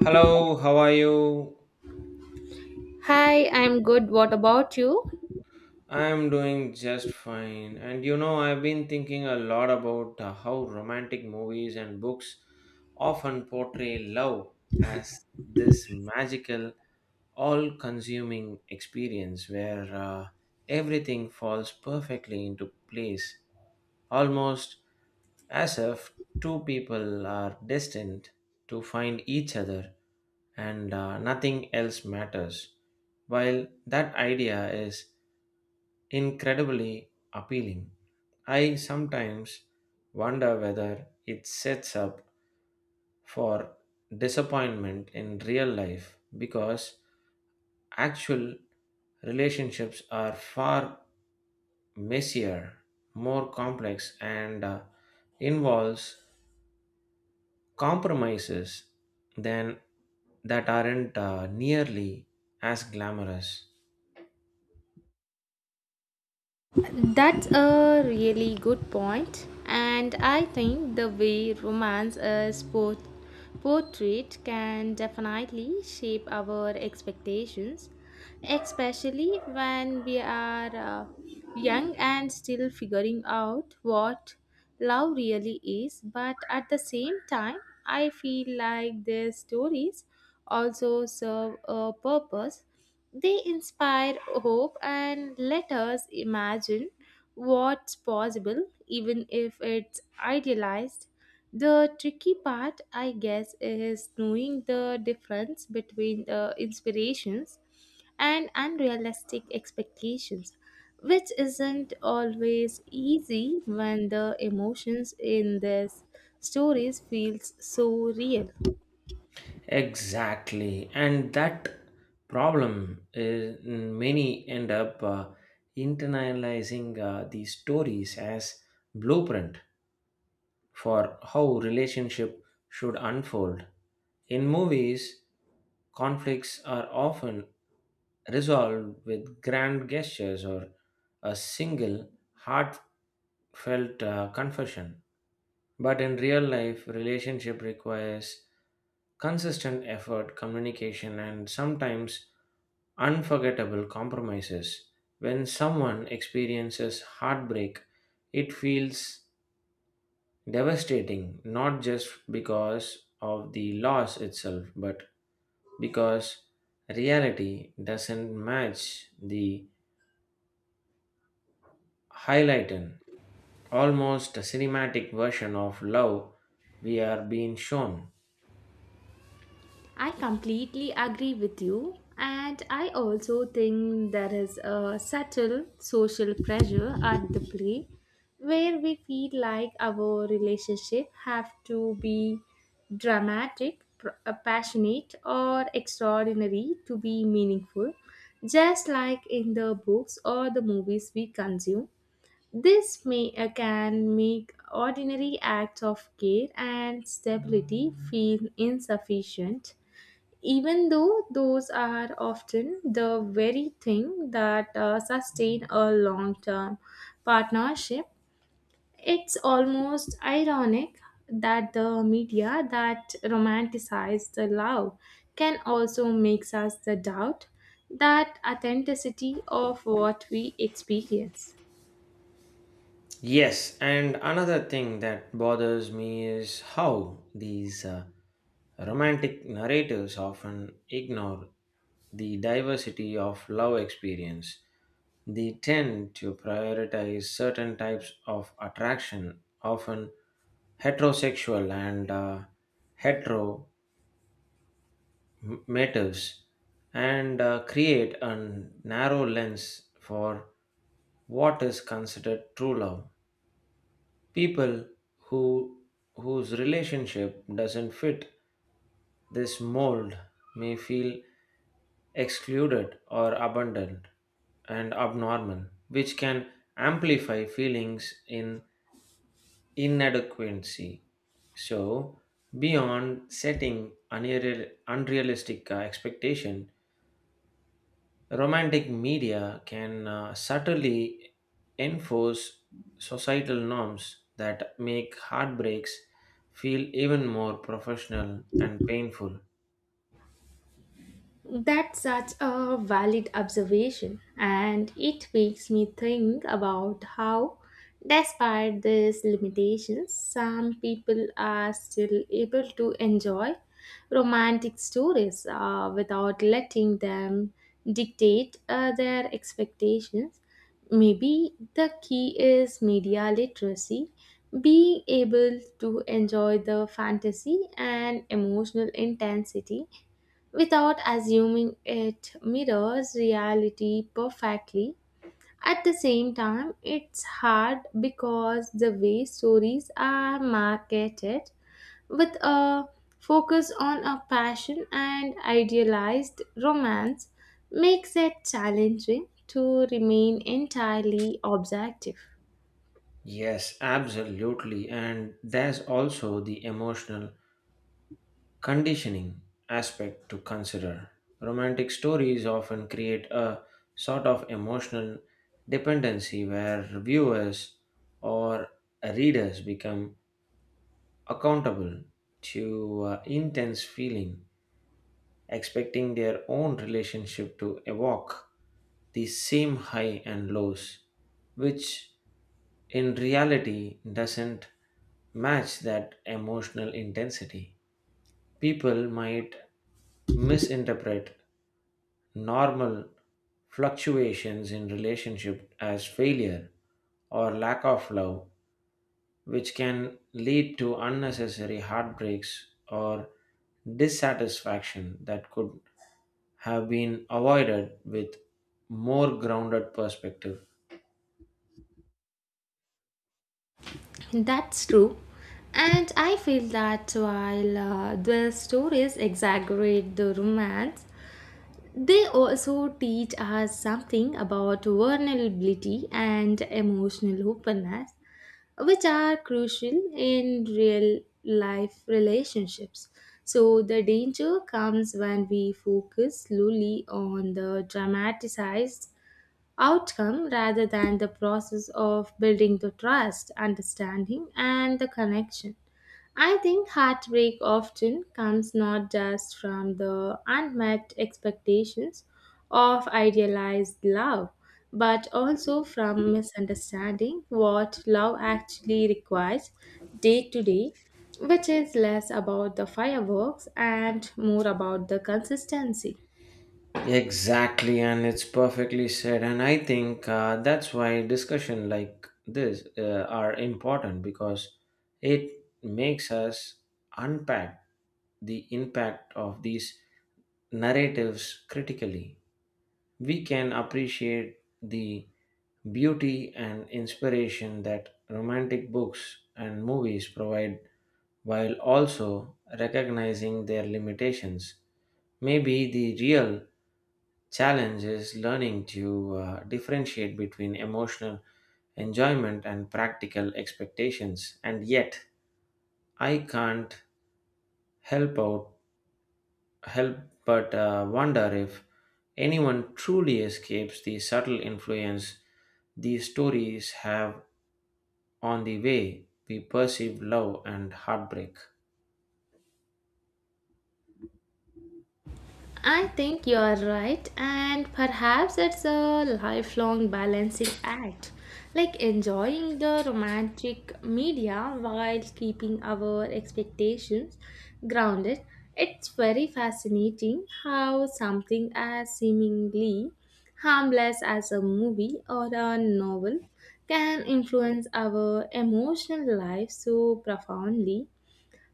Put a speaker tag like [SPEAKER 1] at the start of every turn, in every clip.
[SPEAKER 1] Hello, how are you?
[SPEAKER 2] Hi, I'm good. What about you?
[SPEAKER 1] I'm doing just fine. And you know, I've been thinking a lot about how romantic movies and books often portray love as this magical, all consuming experience where everything falls perfectly into place, almost as if two people are destined to find each other, and nothing else matters. While that idea is incredibly appealing, I sometimes wonder whether it sets up for disappointment in real life, because actual relationships are far messier, more complex, and involves compromises than that aren't nearly as glamorous.
[SPEAKER 2] That's a really good point, and I think the way romance is portrayed can definitely shape our expectations, especially when we are young and still figuring out what love really is. But at the same time, I feel like these stories also serve a purpose. They inspire hope and let us imagine what's possible, even if it's idealized. The tricky part, I guess, is knowing the difference between the inspirations and unrealistic expectations, which isn't always easy when the emotions in these stories feels so real.
[SPEAKER 1] Exactly, and that problem is many end up internalizing these stories as blueprint for how relationship should unfold. In movies, conflicts are often resolved with grand gestures or a single heartfelt confession. But in real life, relationship requires consistent effort, communication, and sometimes unforgettable compromises. When someone experiences heartbreak, it feels devastating, not just because of the loss itself, but because reality doesn't match the highlighted, almost cinematic version of love we are being shown.
[SPEAKER 2] I completely agree with you, and I also think there is a subtle social pressure at the play where we feel like our relationship have to be dramatic, passionate, or extraordinary to be meaningful, just like in the books or the movies we consume. This may, can make ordinary acts of care and stability feel insufficient, even though those are often the very thing that sustain a long term partnership. It's almost ironic that the media that romanticize the love can also makes us the doubt that authenticity of what we experience.
[SPEAKER 1] Yes, and another thing that bothers me is how these romantic narrators often ignore the diversity of love experience. They tend to prioritize certain types of attraction, often heterosexual and hetero motives, and create a narrow lens for what is considered true love. People who Whose relationship doesn't fit this mold may feel excluded or abandoned and abnormal, which can amplify feelings in inadequacy. So, beyond setting unrealistic expectation, romantic media can subtly enforce societal norms that make heartbreaks feel even more professional and painful.
[SPEAKER 2] That's such a valid observation, and it makes me think about how, despite these limitations, some people are still able to enjoy romantic stories without letting them dictate their expectations. Maybe the key is media literacy, being able to enjoy the fantasy and emotional intensity without assuming it mirrors reality perfectly. At the same time, it's hard because the way stories are marketed with a focus on a passion and idealized romance makes it challenging to remain entirely objective.
[SPEAKER 1] Yes, absolutely. And there's also the emotional conditioning aspect to consider. Romantic stories often create a sort of emotional dependency where viewers or readers become accountable to intense feeling, expecting their own relationship to evoke the same high and lows, which in reality doesn't match that emotional intensity. People might misinterpret normal fluctuations in relationship as failure or lack of love, which can lead to unnecessary heartbreaks or dissatisfaction that could have been avoided with more grounded perspective.
[SPEAKER 2] That's true. And I feel that while the stories exaggerate the romance, they also teach us something about vulnerability and emotional openness, which are crucial in real life relationships. So, the danger comes when we focus slowly on the dramatized outcome rather than the process of building the trust, understanding, and the connection. I think heartbreak often comes not just from the unmet expectations of idealized love, but also from misunderstanding what love actually requires day to day, which is less about the fireworks and more about the consistency.
[SPEAKER 1] Exactly, and it's perfectly said. And I think that's why discussion like this are important, because it makes us unpack the impact of these narratives critically. We can appreciate the beauty and inspiration that romantic books and movies provide while also recognizing their limitations. Maybe the real challenge is learning to differentiate between emotional enjoyment and practical expectations, and yet I can't help out help but wonder if anyone truly escapes the subtle influence these stories have on the way we perceive love and heartbreak.
[SPEAKER 2] I think you are right, and perhaps it's a lifelong balancing act, like enjoying the romantic media while keeping our expectations grounded. It's very fascinating how something as seemingly harmless as a movie or a novel can influence our emotional life so profoundly,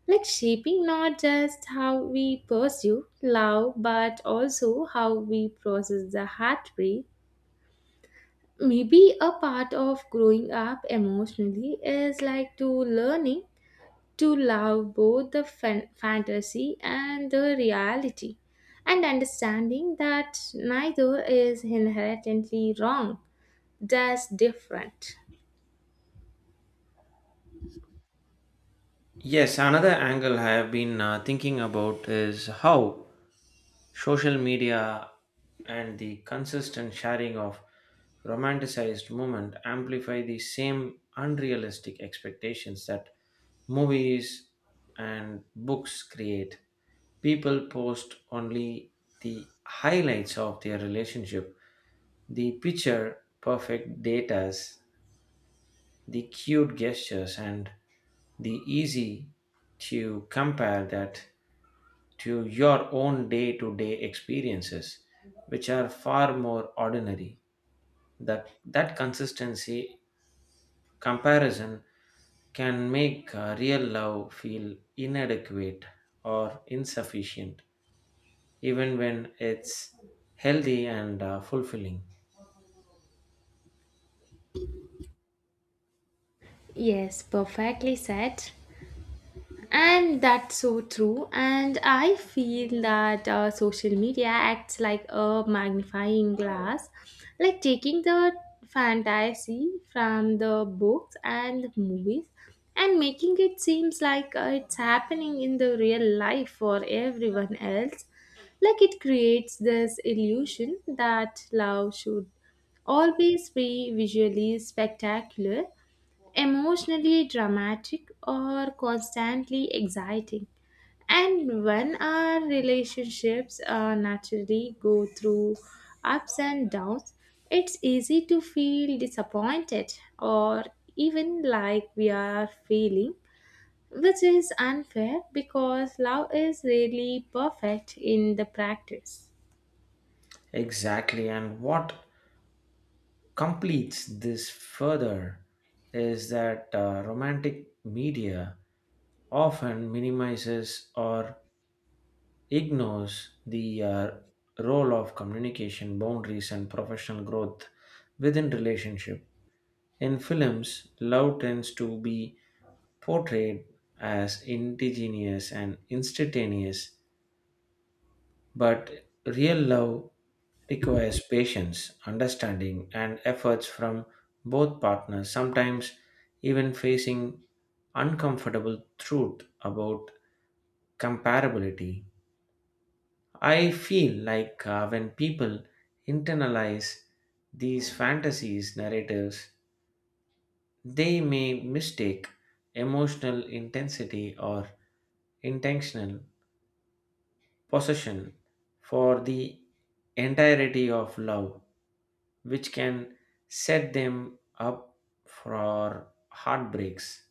[SPEAKER 2] like shaping not just how we pursue love but also how we process the heartbreak. Maybe a part of growing up emotionally is like to learning to love both the fantasy and the reality, and understanding that neither is inherently wrong, just different.
[SPEAKER 1] Yes, another angle I have been thinking about is how social media and the consistent sharing of romanticized movement amplify the same unrealistic expectations that movies and books create. People post only the highlights of their relationship, the picture perfect datas, the cute gestures, and the easy to compare that to your own day to day experiences, which are far more ordinary. That consistency comparison can make real love feel inadequate or insufficient, even when it's healthy and fulfilling.
[SPEAKER 2] Yes, perfectly said. And that's so true. And I feel that social media acts like a magnifying glass, like taking the fantasy from the books and movies and making it seems like it's happening in the real life for everyone else. Like it creates this illusion that love should always be visually spectacular, emotionally dramatic, or constantly exciting. And when our relationships naturally go through ups and downs, it's easy to feel disappointed or even like we are failing, which is unfair because love is really perfect in the practice.
[SPEAKER 1] Exactly. And what completes this further is that romantic media often minimizes or ignores the role of communication, boundaries, and professional growth within relationship. In films, love tends to be portrayed as indigenous and instantaneous. But real love requires patience, understanding, and efforts from both partners, sometimes even facing uncomfortable truth about comparability. I feel like when people internalize these fantasies narratives, they may mistake emotional intensity or intentional possession for the entirety of love, which can set them up for heartbreaks.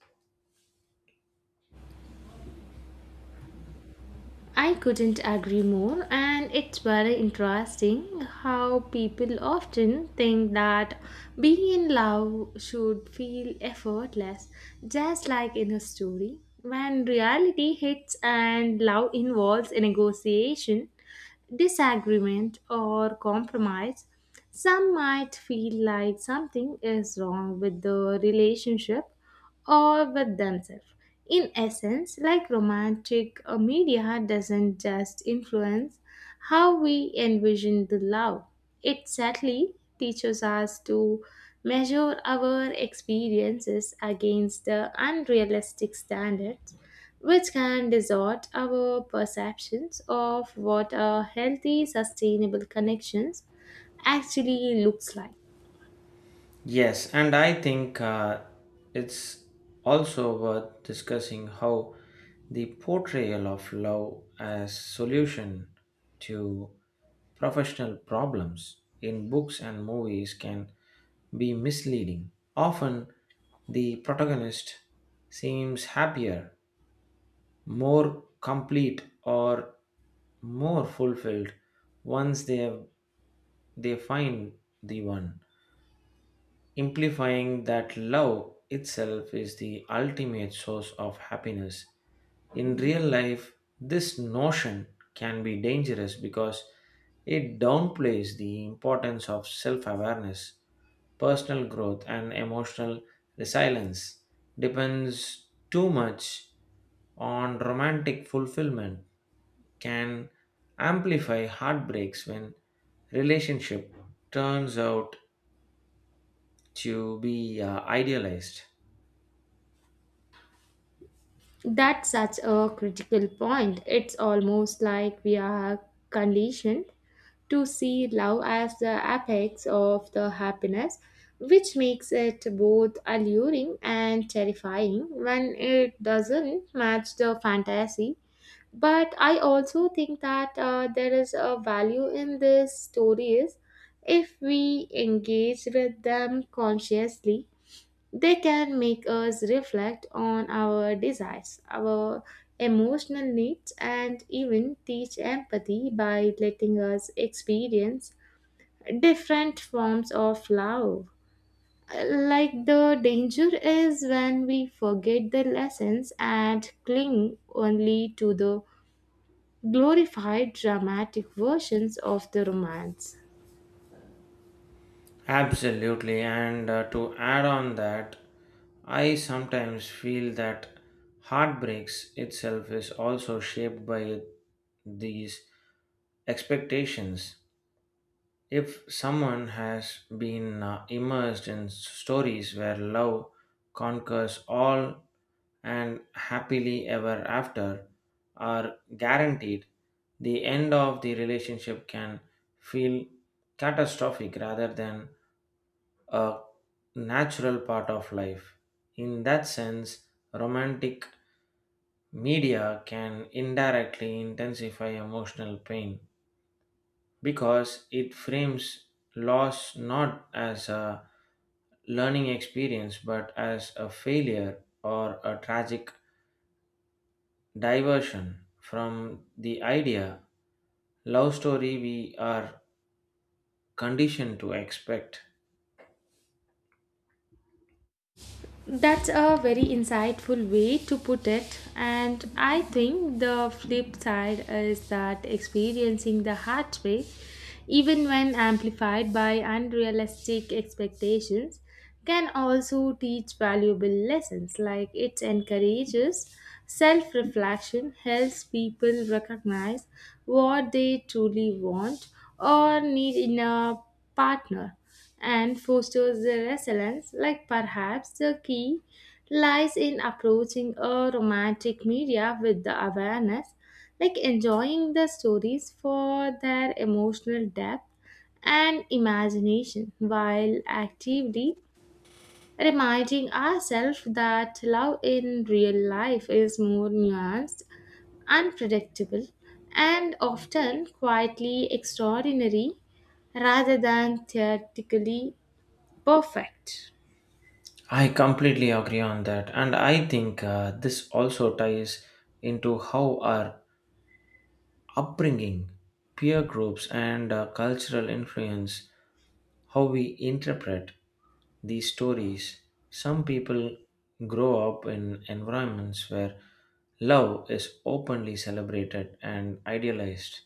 [SPEAKER 2] I couldn't agree more, and it's very interesting how people often think that being in love should feel effortless, just like in a story. When reality hits and love involves a negotiation, disagreement, or compromise, some might feel like something is wrong with the relationship or with themselves. In essence, like romantic media doesn't just influence how we envision the love, it sadly teaches us to measure our experiences against the unrealistic standards, which can distort our perceptions of what a healthy, sustainable connections actually looks like.
[SPEAKER 1] Yes, and I think it's also worth discussing how the portrayal of love as solution to professional problems in books and movies can be misleading. Often, the protagonist seems happier, more complete, or more fulfilled once they find the one, amplifying that love itself is the ultimate source of happiness. In real life, this notion can be dangerous because it downplays the importance of self awareness, personal growth, and emotional resilience. Depends too much on romantic fulfillment can amplify heartbreaks when relationship turns out to be idealized.
[SPEAKER 2] That's such a critical point. It's almost like we are conditioned to see love as the apex of the happiness, which makes it both alluring and terrifying when it doesn't match the fantasy. But I also think that there is a value in these stories if we engage with them consciously. They can make us reflect on our desires, our emotional needs, and even teach empathy by letting us experience different forms of love. Like the danger is when we forget the lessons and cling only to the glorified dramatic versions of the romance.
[SPEAKER 1] Absolutely, and to add on that, I sometimes feel that heartbreaks itself is also shaped by these expectations. If someone has been immersed in stories where love conquers all and happily ever after are guaranteed, the end of the relationship can feel catastrophic rather than a natural part of life. In that sense, romantic media can indirectly intensify emotional pain because it frames loss not as a learning experience but as a failure or a tragic diversion from the idea love story we are conditioned to expect.
[SPEAKER 2] That's a very insightful way to put it, and I think the flip side is that experiencing the hard heartbreak, even when amplified by unrealistic expectations, can also teach valuable lessons. Like it encourages self reflection, helps people recognize what they truly want or need in a partner and fosters the resilience, like perhaps the key lies in approaching a romantic media with the awareness, like enjoying the stories for their emotional depth and imagination, while actively reminding ourselves that love in real life is more nuanced, unpredictable, and often quietly extraordinary rather than theoretically perfect.
[SPEAKER 1] I completely agree on that, and I think this also ties into how our upbringing, peer groups, and cultural influence how we interpret these stories. Some people grow up in environments where love is openly celebrated and idealized,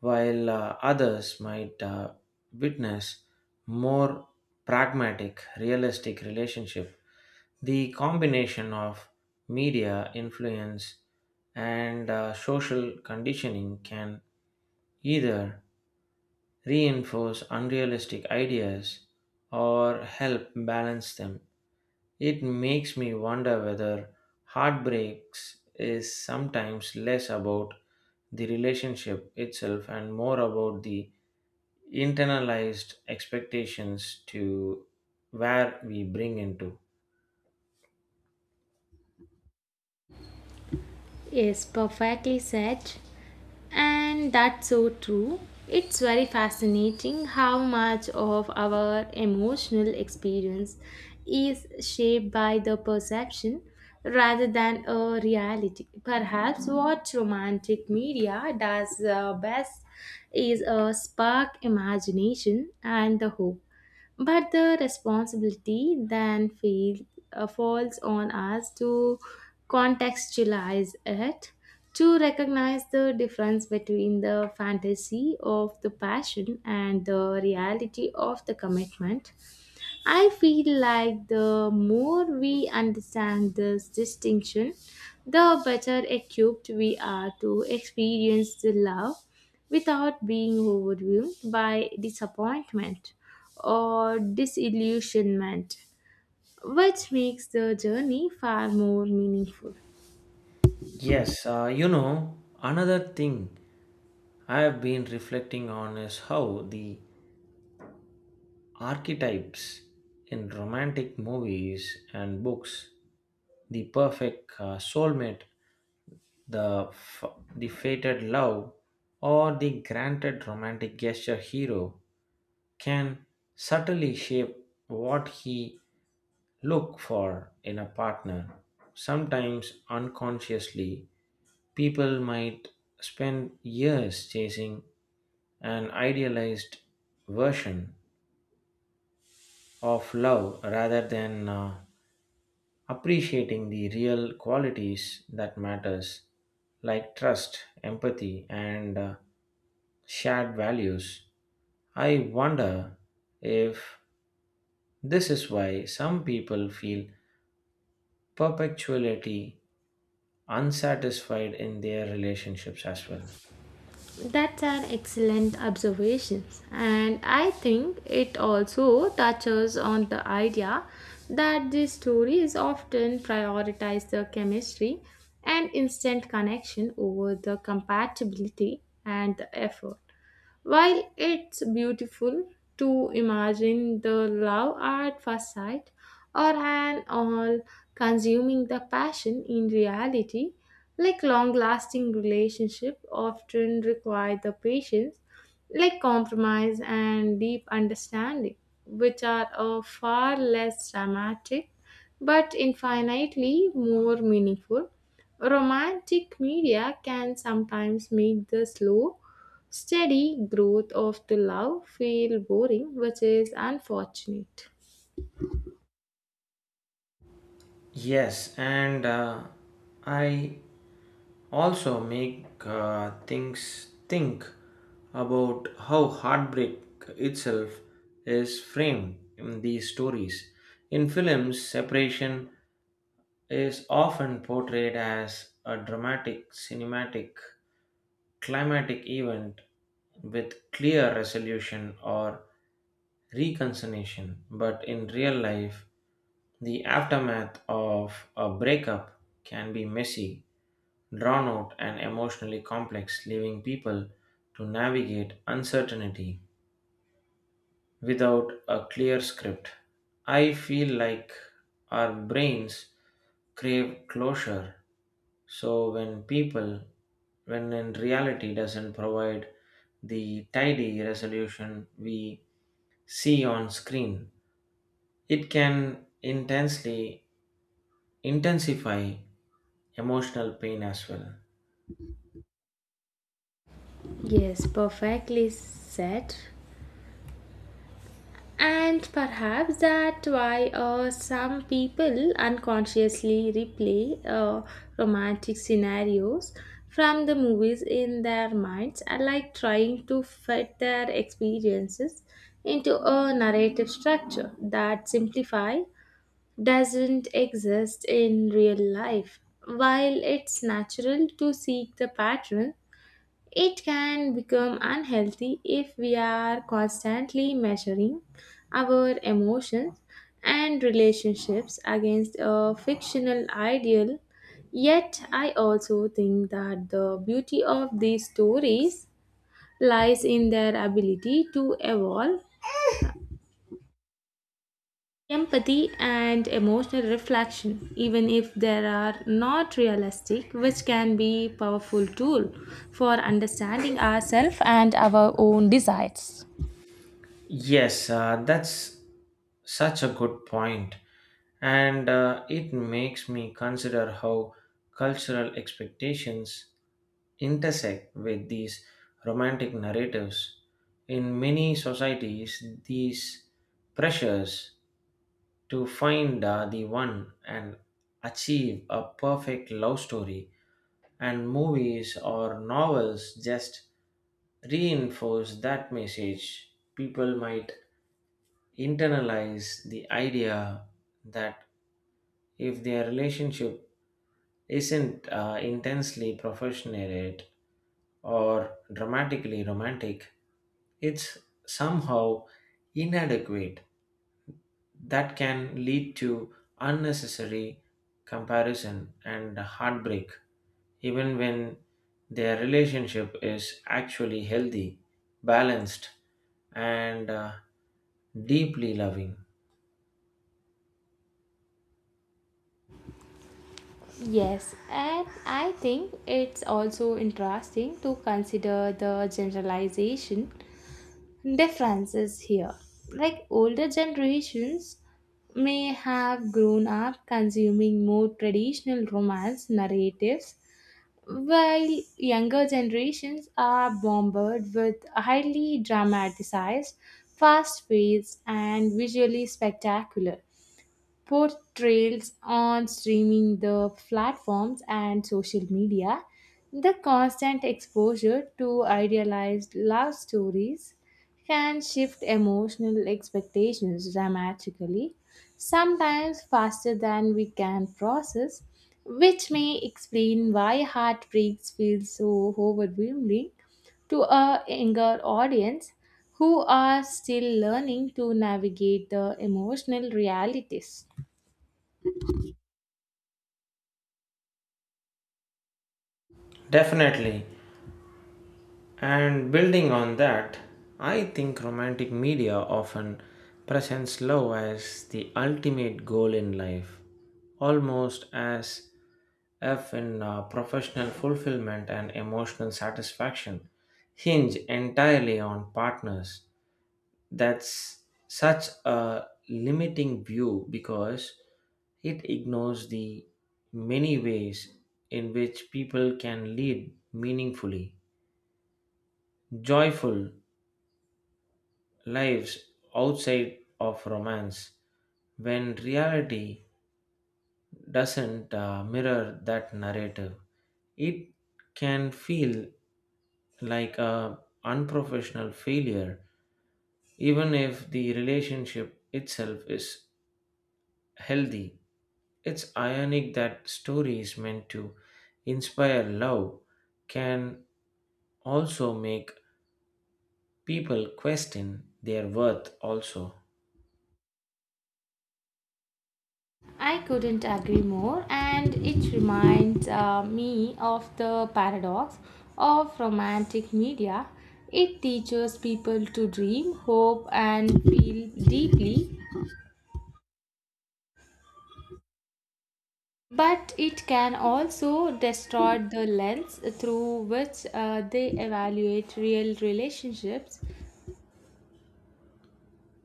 [SPEAKER 1] while others might witness more pragmatic, realistic relationship. The combination of media influence and social conditioning can either reinforce unrealistic ideas or help balance them. It makes me wonder whether heartbreaks is sometimes less about the relationship itself and more about the internalized expectations to where we bring into.
[SPEAKER 2] Yes, perfectly said. And that's so true. It's very fascinating how much of our emotional experience is shaped by the perception rather than a reality. Perhaps what romantic media does best is spark imagination and the hope, but the responsibility then feel, falls on us to contextualize it, to recognize the difference between the fantasy of the passion and the reality of the commitment. I feel like the more we understand this distinction, the better equipped we are to experience the love without being overwhelmed by disappointment or disillusionment, which makes the journey far more meaningful.
[SPEAKER 1] Yes, you know, another thing I have been reflecting on is how the archetypes in romantic movies and books, the perfect soulmate, the f- the fated love, or the granted romantic gesture hero, can subtly shape what he look for in a partner. Sometimes unconsciously, people might spend years chasing an idealized version of love rather than appreciating the real qualities that matters, like trust, empathy, and shared values. I wonder if this is why some people feel perpetually unsatisfied in their relationships as well.
[SPEAKER 2] That's an excellent observation, and I think it also touches on the idea that these stories often prioritize the chemistry and instant connection over the compatibility and the effort. While it's beautiful to imagine the love at first sight or an all consuming the passion in reality, like long lasting relationship often require the patience, like compromise and deep understanding, which are a far less dramatic but infinitely more meaningful. Romantic media can sometimes make the slow steady growth of the love feel boring, which is unfortunate.
[SPEAKER 1] Yes, and I also make things think about how heartbreak itself is framed in these stories. In films, separation is often portrayed as a dramatic, cinematic, climatic event with clear resolution or reconciliation, but in real life, the aftermath of a breakup can be messy, drawn out, and emotionally complex, leaving people to navigate uncertainty without a clear script. I feel like our brains crave closure. So when in reality doesn't provide the tidy resolution we see on screen, it can intensely intensify emotional pain as well.
[SPEAKER 2] Yes, perfectly said. And perhaps that why some people unconsciously replay romantic scenarios from the movies in their minds, are like trying to fit their experiences into a narrative structure that simplify doesn't exist in real life. While it's natural to seek the pattern, it can become unhealthy if we are constantly measuring our emotions and relationships against a fictional ideal. Yet, I also think that the beauty of these stories lies in their ability to evolve empathy and emotional reflection, even if they are not realistic, which can be powerful tool for understanding ourselves and our own desires.
[SPEAKER 1] Yes, that's such a good point, and it makes me consider how cultural expectations intersect with these romantic narratives. In many societies, these pressures to find the one and achieve a perfect love story, and movies or novels just reinforce that message. People might internalize the idea that if their relationship isn't intensely professional or dramatically romantic, it's somehow inadequate. That can lead to unnecessary comparison and heartbreak, even when their relationship is actually healthy, balanced, and deeply loving.
[SPEAKER 2] Yes, and I think it's also interesting to consider the generalization differences here. Like older generations may have grown up consuming more traditional romance narratives, while younger generations are bombarded with highly dramatized, fast paced, and visually spectacular portrayals on streaming the platforms and social media. The constant exposure to idealized love stories can shift emotional expectations dramatically, sometimes faster than we can process, which may explain why heartbreaks feel so overwhelming to a younger audience who are still learning to navigate the emotional realities.
[SPEAKER 1] Definitely. And building on that, I think romantic media often presents love as the ultimate goal in life, almost as if in professional fulfillment and emotional satisfaction hinge entirely on partners. That's such a limiting view because it ignores the many ways in which people can lead meaningfully, joyful, lives outside of romance. When reality doesn't mirror that narrative, it can feel like a unprofessional failure, even if the relationship itself is healthy. It's ironic that stories meant to inspire love can also make people question their worth also.
[SPEAKER 2] I couldn't agree more, and it reminds me of the paradox of romantic media. It teaches people to dream, hope, and feel deeply, but it can also distort the lens through which they evaluate real relationships.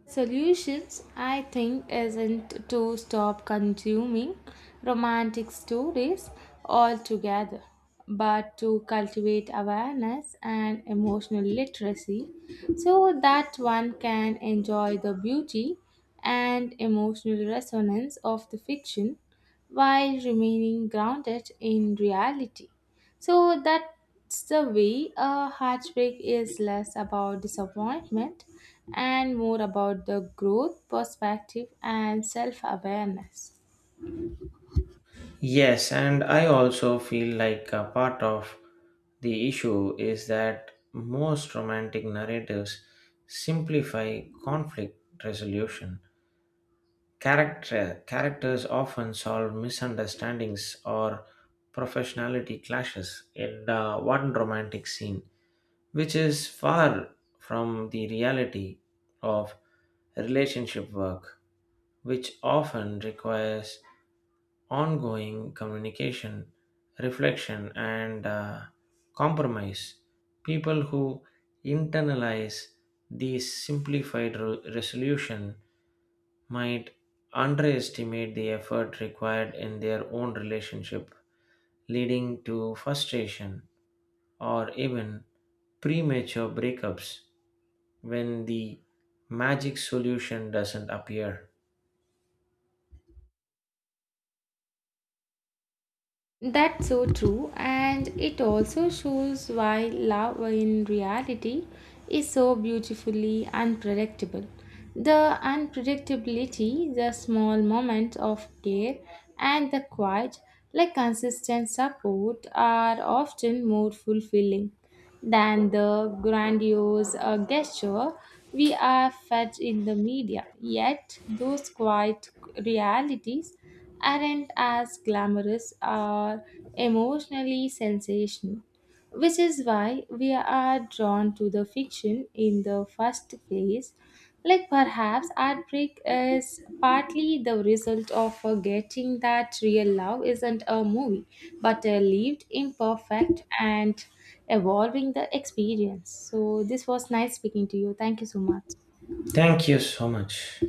[SPEAKER 2] Solutions, I think, isn't to stop consuming romantic stories altogether, but to cultivate awareness and emotional literacy so that one can enjoy the beauty and emotional resonance of the fiction while remaining grounded in reality. So that's the way a heartbreak is less about disappointment and more about the growth perspective and self awareness.
[SPEAKER 1] Yes, and I also feel like a part of the issue is that most romantic narratives simplify conflict resolution. Characters often solve misunderstandings or professionality clashes in one romantic scene, which is far from the reality of relationship work, which often requires ongoing communication, reflection, and compromise. People who internalize these simplified resolution might underestimate the effort required in their own relationship, leading to frustration or even premature breakups when the magic solution doesn't appear.
[SPEAKER 2] That's so true, and it also shows why love in reality is so beautifully unpredictable. The unpredictability, the small moments of care, and the quiet, like consistent support, are often more fulfilling than the grandiose gesture we are fed in the media. Yet, those quiet realities aren't as glamorous or emotionally sensational, which is why we are drawn to the fiction in the first place. Like perhaps art break is partly the result of forgetting that real love isn't a movie, but a lived, imperfect, and evolving the experience. So this was nice speaking to you. Thank you so much.
[SPEAKER 1] Thank you so much.